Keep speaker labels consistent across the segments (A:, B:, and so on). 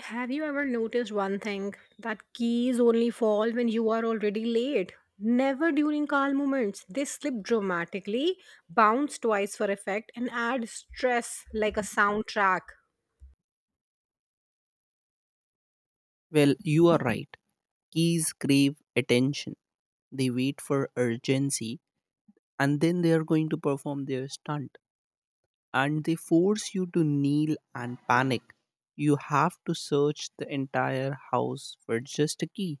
A: Have you ever noticed one thing that keys only fall when you are already late? Never during calm moments. They slip dramatically, bounce twice for effect, and add stress like a soundtrack.
B: Well, you are right. Keys crave attention. They wait for urgency and then they are going to perform their stunt. And they force you to kneel and panic. You have to search the entire house for just a key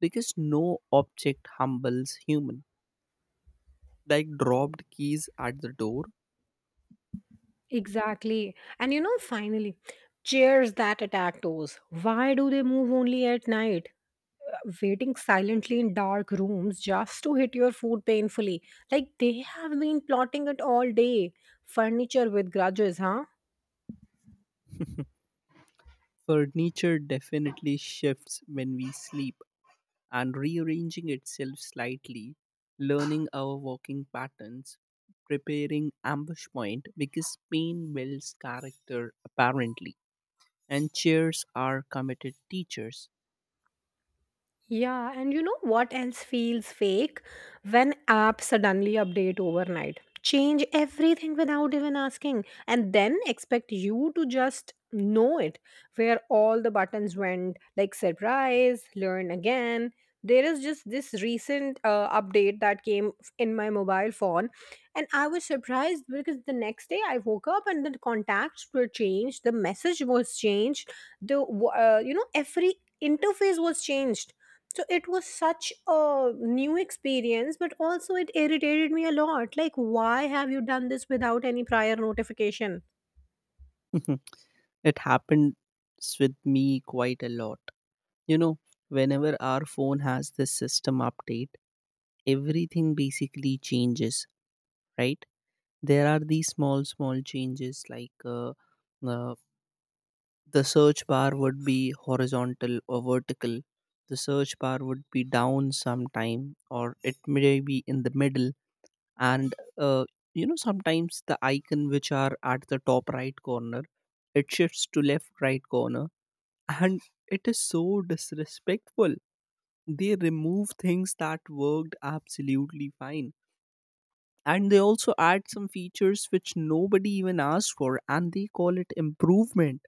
B: because no object humbles human. Like dropped keys at the door,
A: Exactly. And finally, chairs that attack toes. Why do they move only at night? Waiting silently in dark rooms just to hit your foot painfully. Like they have been plotting it all day. Furniture with grudges, huh?
B: furniture definitely shifts when we sleep, and rearranging itself slightly, learning our walking patterns, preparing ambush point because pain builds character apparently, and cheers are committed teachers.
A: Yeah, and you know what else feels fake? When apps suddenly update overnight, change everything without even asking, and then expect you to just know it where all the buttons went, like surprise, learn again. There is just this recent update that came in my mobile phone, and I was surprised because the next day I woke up and the contacts were changed, the message was changed, the w- you know every interface was changed, so it was such a new experience, but also it irritated me a lot. Like, why have you done this without any prior notification?
B: It happens with me quite a lot. You know, whenever our phone has this system update, everything basically changes, right? There are these small, small changes like uh, the search bar would be horizontal or vertical. The search bar would be down sometime, or it may be in the middle. And You know, sometimes the icon which are at the top right corner, it shifts to left right corner, and it is so disrespectful. They remove things that worked absolutely fine. And they also add some features which nobody even asked for, and they call it improvement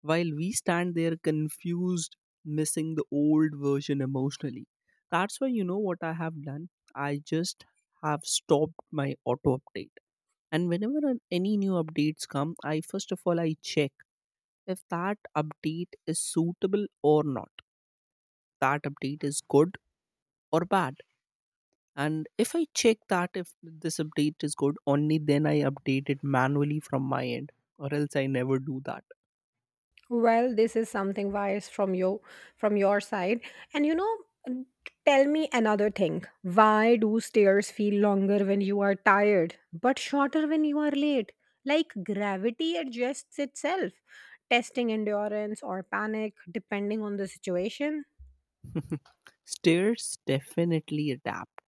B: while we stand there confused, missing the old version emotionally. That's why you know what I have done? I just have stopped my auto update. And whenever any new updates come, I first of all I check if that update is suitable or not. That update is good or bad. And if I check that if this update is good, only then I update it manually from my end, or else I never do that.
A: Well, this is something wise from you, from your side. And n- tell me another thing. Why do stairs feel longer when you are tired, but shorter when you are late? Like gravity adjusts itself, testing endurance or panic depending on the situation.
B: Stairs definitely adapt.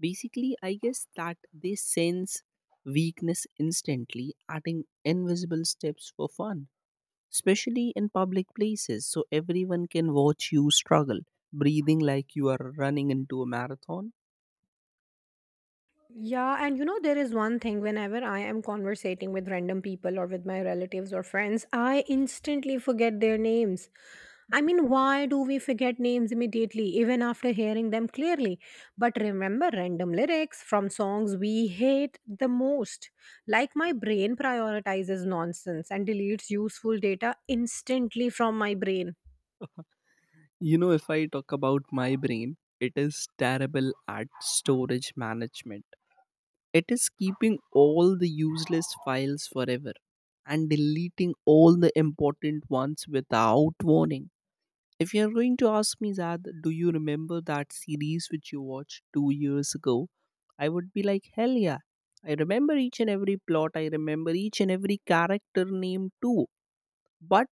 B: Basically, I guess that they sense weakness instantly, adding invisible steps for fun, especially in public places, so everyone can watch you struggle, breathing like you are running into a marathon.
A: Yeah, and there is one thing: whenever I am conversating with random people or with my relatives or friends, I instantly forget their names. I mean, why do we forget names immediately, even after hearing them clearly? But remember random lyrics from songs we hate the most. Like, my brain prioritizes nonsense and deletes useful data instantly from my brain.
B: You know, if I talk about my brain, it is terrible at storage management. It is keeping all the useless files forever and deleting all the important ones without warning. If you're going to ask me, Zad, do you remember that series which you watched 2 years ago? I would be like, hell yeah. I remember each and every plot, I remember each and every character name too. But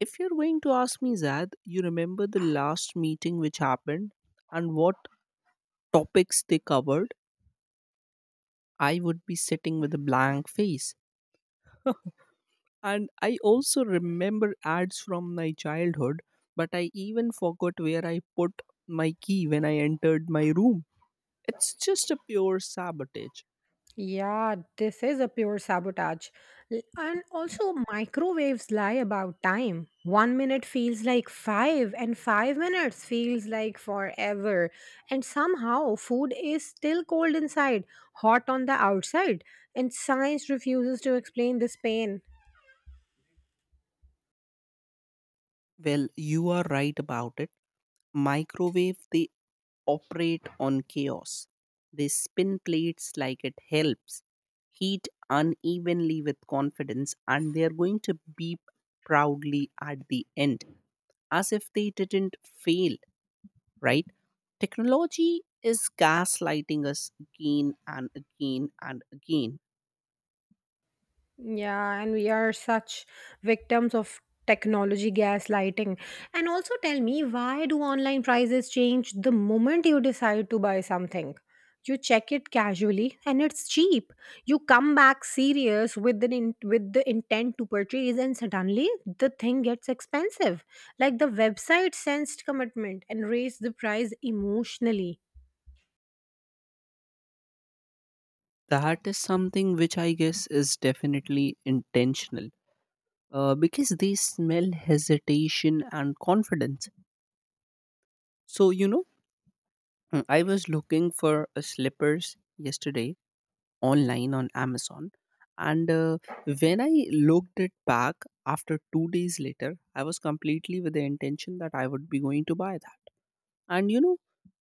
B: if you're going to ask me, Zad, you remember the last meeting which happened and what topics they covered? I would be sitting with a blank face. And I also remember ads from my childhood, but I even forgot where I put my key when I entered my room. It's just a pure sabotage.
A: Yeah, this is a pure sabotage. And also, microwaves lie about time. 1 minute feels like 5, and 5 minutes feels like forever. And somehow, food is still cold inside, hot on the outside. And science refuses to explain this pain.
B: Well, you are right about it. Microwave, they operate on chaos. They spin plates like it helps, heat unevenly with confidence, and they are going to beep proudly at the end as if they didn't fail, right? Technology is gaslighting us again and again and again.
A: Yeah, and we are such victims of technology gaslighting. And also tell me, why do online prices change the moment you decide to buy something? You check it casually and it's cheap. You come back serious with with the intent to purchase, and suddenly the thing gets expensive. Like the website sensed commitment and raised the price emotionally.
B: That is something which I guess is definitely intentional, because they smell hesitation and confidence. So, you know, I was looking for slippers yesterday online on Amazon. And when I looked it back after 2 days later, I was completely with the intention that I would be going to buy that. And, you know,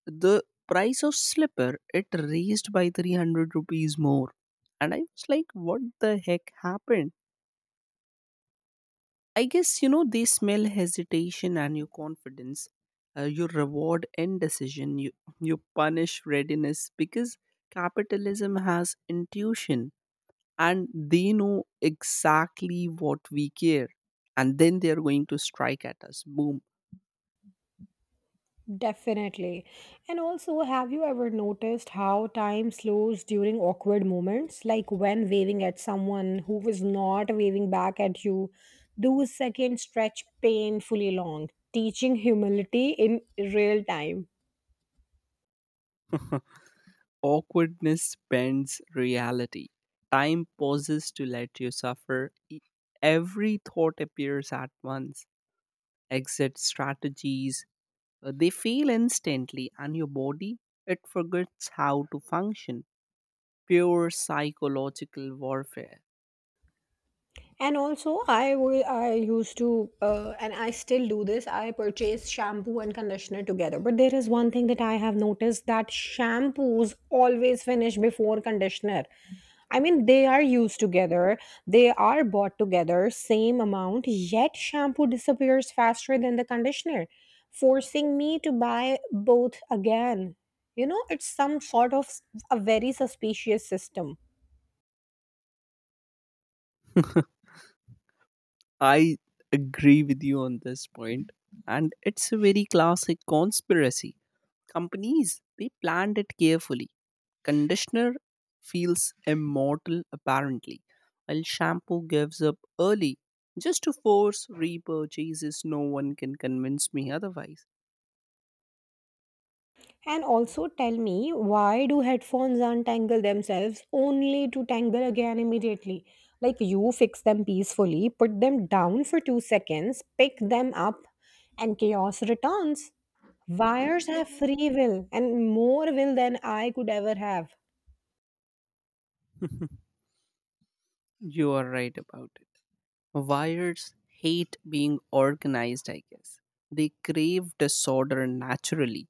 B: the price of slipper, it raised by 300 rupees more. And I was like, what the heck happened? I guess you know they smell hesitation and your confidence. You reward indecision. You punish readiness because capitalism has intuition and they know exactly what we care and then they're going to strike at us boom.
A: Definitely. And also, have you ever noticed how time slows during awkward moments? Like when waving at someone who was not waving back at you, those seconds stretch painfully long, teaching humility in real time.
B: Awkwardness bends reality. Time pauses to let you suffer. Every thought appears at once. Exit strategies, they fail instantly, and your body, it forgets how to function. Pure psychological warfare.
A: And also, I used to, and I still do this, I purchase shampoo and conditioner together. But there is one thing that I have noticed: that shampoos always finish before conditioner. I mean, they are used together, they are bought together, same amount, yet shampoo disappears faster than the conditioner, forcing me to buy both again. It's some sort of a very suspicious system.
B: I agree with you on this point, and it's a very classic conspiracy. Companies, they planned it carefully. Conditioner feels immortal apparently, while shampoo gives up early. Just to force repurchases, no one can convince me otherwise.
A: And also tell me, why do headphones untangle themselves only to tangle again immediately? Like you fix them peacefully, put them down for 2 seconds, pick them up, and chaos returns. Wires have free will, and more will than I could ever have.
B: You are right about it. Wires hate being organized, I guess. They crave disorder naturally.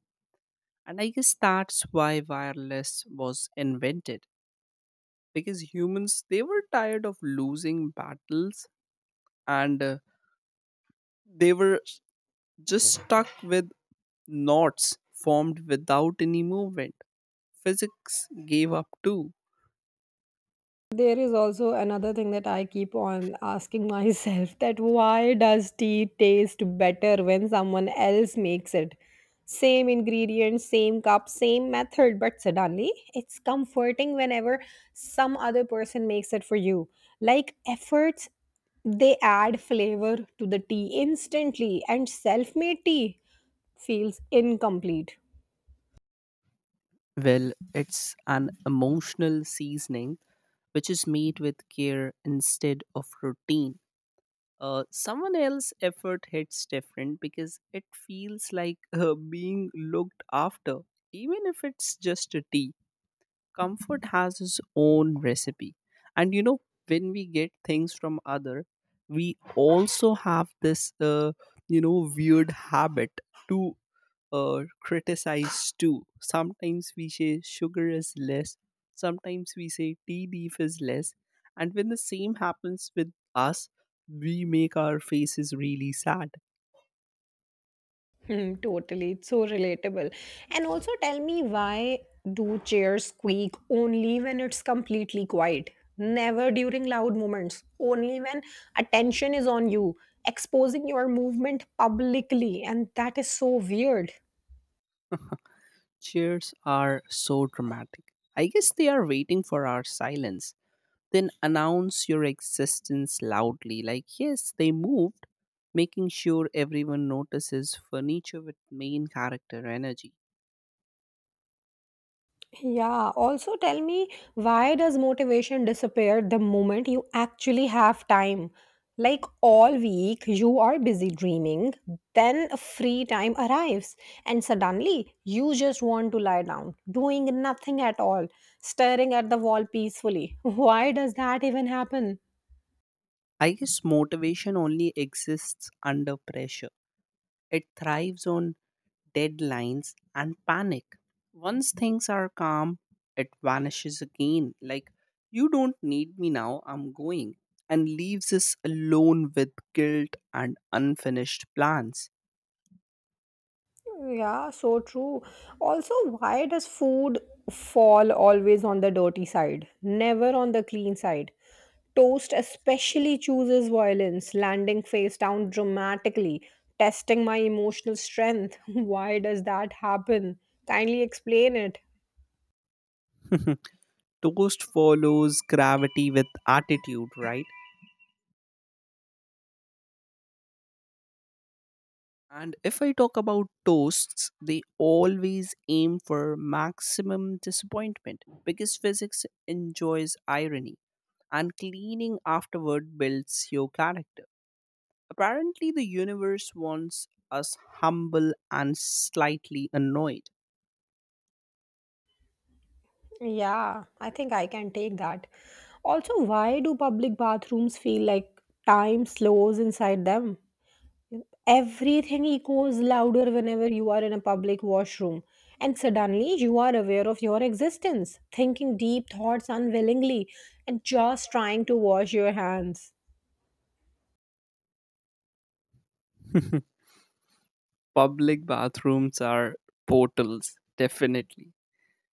B: And I guess that's why wireless was invented. Because humans, they were tired of losing battles and they were just stuck with knots formed without any movement. Physics gave up too.
A: There is also another thing that I keep on asking myself: that why does tea taste better when someone else makes it? Same ingredients, same cup, same method, but suddenly it's comforting whenever some other person makes it for you. Like efforts, they add flavor to the tea instantly, and self made tea feels incomplete.
B: Well, it's an emotional seasoning which is made with care instead of routine. Someone else's effort hits different because it feels like being looked after, even if it's just a tea. Comfort has its own recipe, and you know, when we get things from other, we also have this you know weird habit to criticize too. Sometimes we say sugar is less, sometimes we say tea leaf is less, and when the same happens with us, we make our faces really sad.
A: Totally. It's so relatable. And also tell me, why do chairs squeak only when it's completely quiet? Never during loud moments. Only when attention is on you, exposing your movement publicly. And that is so weird.
B: Cheers are so dramatic. I guess they are waiting for our silence, then announce your existence loudly like yes they moved, making sure everyone notices furniture with main character energy.
A: Yeah, also tell me, why does motivation disappear the moment you actually have time? Like all week, you are busy dreaming, then a free time arrives, and suddenly you just want to lie down, doing nothing at all, staring at the wall peacefully. Why does that even happen?
B: I guess motivation only exists under pressure. It thrives on deadlines and panic. Once things are calm, it vanishes again like you don't need me now, I'm going, and leaves us alone with guilt and unfinished plans.
A: Yeah, so true. Also, why does food fall always on the dirty side, never on the clean side? Toast especially chooses violence, landing face down dramatically, testing my emotional strength. Why does that happen? Kindly explain it.
B: Toast follows gravity with attitude, right? And if I talk about toasts, they always aim for maximum disappointment because physics enjoys irony and cleaning afterward builds your character. Apparently, the universe wants us humble and slightly annoyed.
A: Yeah, I think I can take that. Also, why do public bathrooms feel like time slows inside them? Everything echoes louder whenever you are in a public washroom, and suddenly you are aware of your existence, thinking deep thoughts unwillingly, and just trying to wash your hands.
B: Public bathrooms are portals, definitely.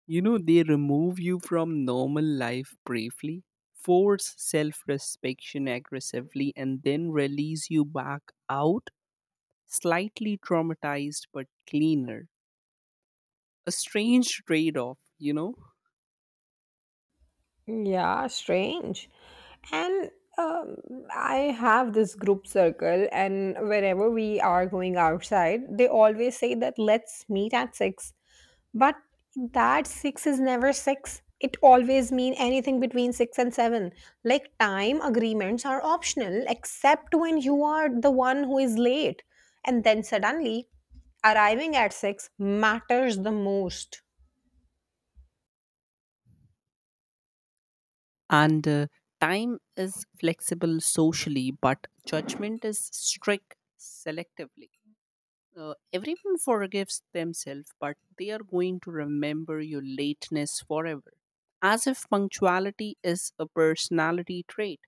B: You know, they remove you from normal life briefly, force self respection aggressively, and then release you back out, slightly traumatized but cleaner. A strange trade off, you know?
A: Yeah, strange. And um, I have this group circle, and whenever we are going outside, they always say that let's meet at six. But that six is never six. It always mean anything between six and seven. Like time agreements are optional, except when you are the one who is late. And then suddenly, arriving at six matters the most.
B: And time is flexible socially, but judgment is strict selectively. Everyone forgives themselves, but they are going to remember your lateness forever, as if punctuality is a personality trait.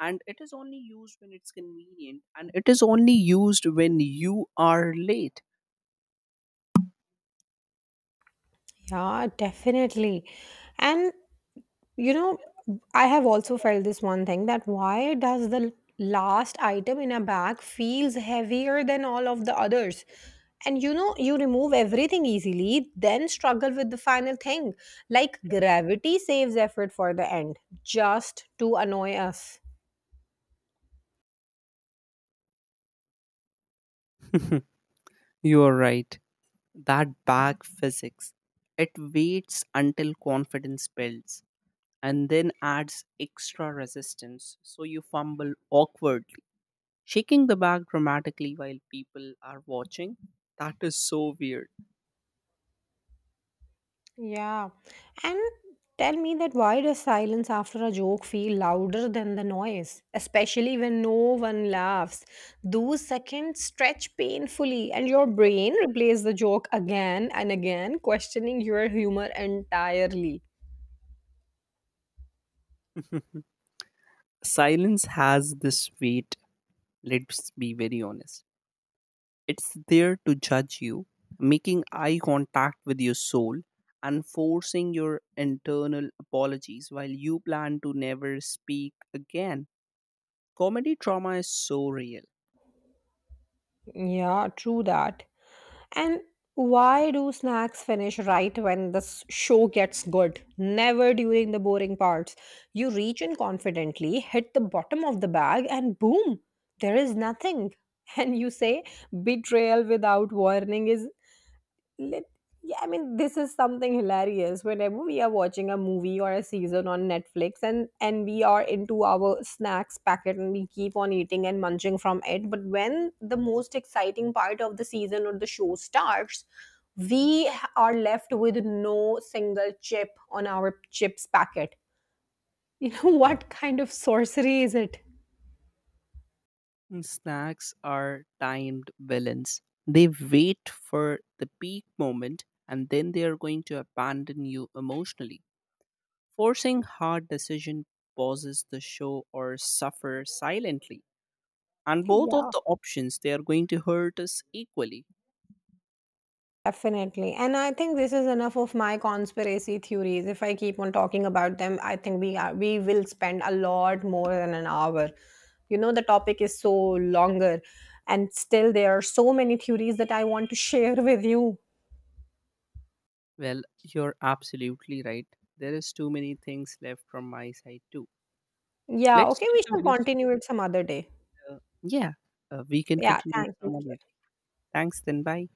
B: And it is only used when it's convenient, and it is only used when you are late.
A: Yeah, definitely. And You know, I have also felt this one thing: that why does the last item in a bag feels heavier than all of the others? And you remove everything easily, then struggle with the final thing. Like gravity saves effort for the end, just to annoy us.
B: You are right. That bag physics. It waits until confidence builds and then adds extra resistance. So you fumble awkwardly. Shaking the bag dramatically while people are watching? That is so weird.
A: Yeah. And tell me that why does silence after a joke feel louder than the noise, especially when no one laughs? Those seconds stretch painfully, and your brain replays the joke again and again, questioning your humor entirely.
B: Silence has this weight, let's be very honest. It's there to judge you, making eye contact with your soul, and forcing your internal apologies while you plan to never speak again. Comedy trauma is so real.
A: Yeah, true that. And why do snacks finish right when the show gets good? Never during the boring parts. You reach in confidently, hit the bottom of the bag, and boom, there is nothing. And you say, betrayal without warning is let. Yeah, I mean, this is something hilarious. Whenever we are watching a movie or a season on Netflix, and we are into our snacks packet and we keep on eating and munching from it, but when the most exciting part of the season or the show starts, we are left with no single chip on our chips packet, you know? What kind of sorcery is it?
B: Mm, snacks are timed villains. They wait for the peak moment and then they are going to abandon you emotionally. Forcing hard decision pauses the show or suffer silently. And both of
A: Yeah,
B: the options they are going to hurt us equally.
A: definitely. And I think this is enough of my conspiracy theories. If I keep on talking about them, I think we will spend a lot more than an hour. The topic is so longer, and still there are so many theories that I want to share with you.
B: Well, you're absolutely right. There is too many things left from my side too.
A: Yeah,
B: Let's
A: okay,
B: take
A: we
B: a
A: shall
B: very
A: continue it some other day.
B: yeah. We can
A: Yeah,
B: continue
A: thank you.
B: some other day. Thanks. Then bye.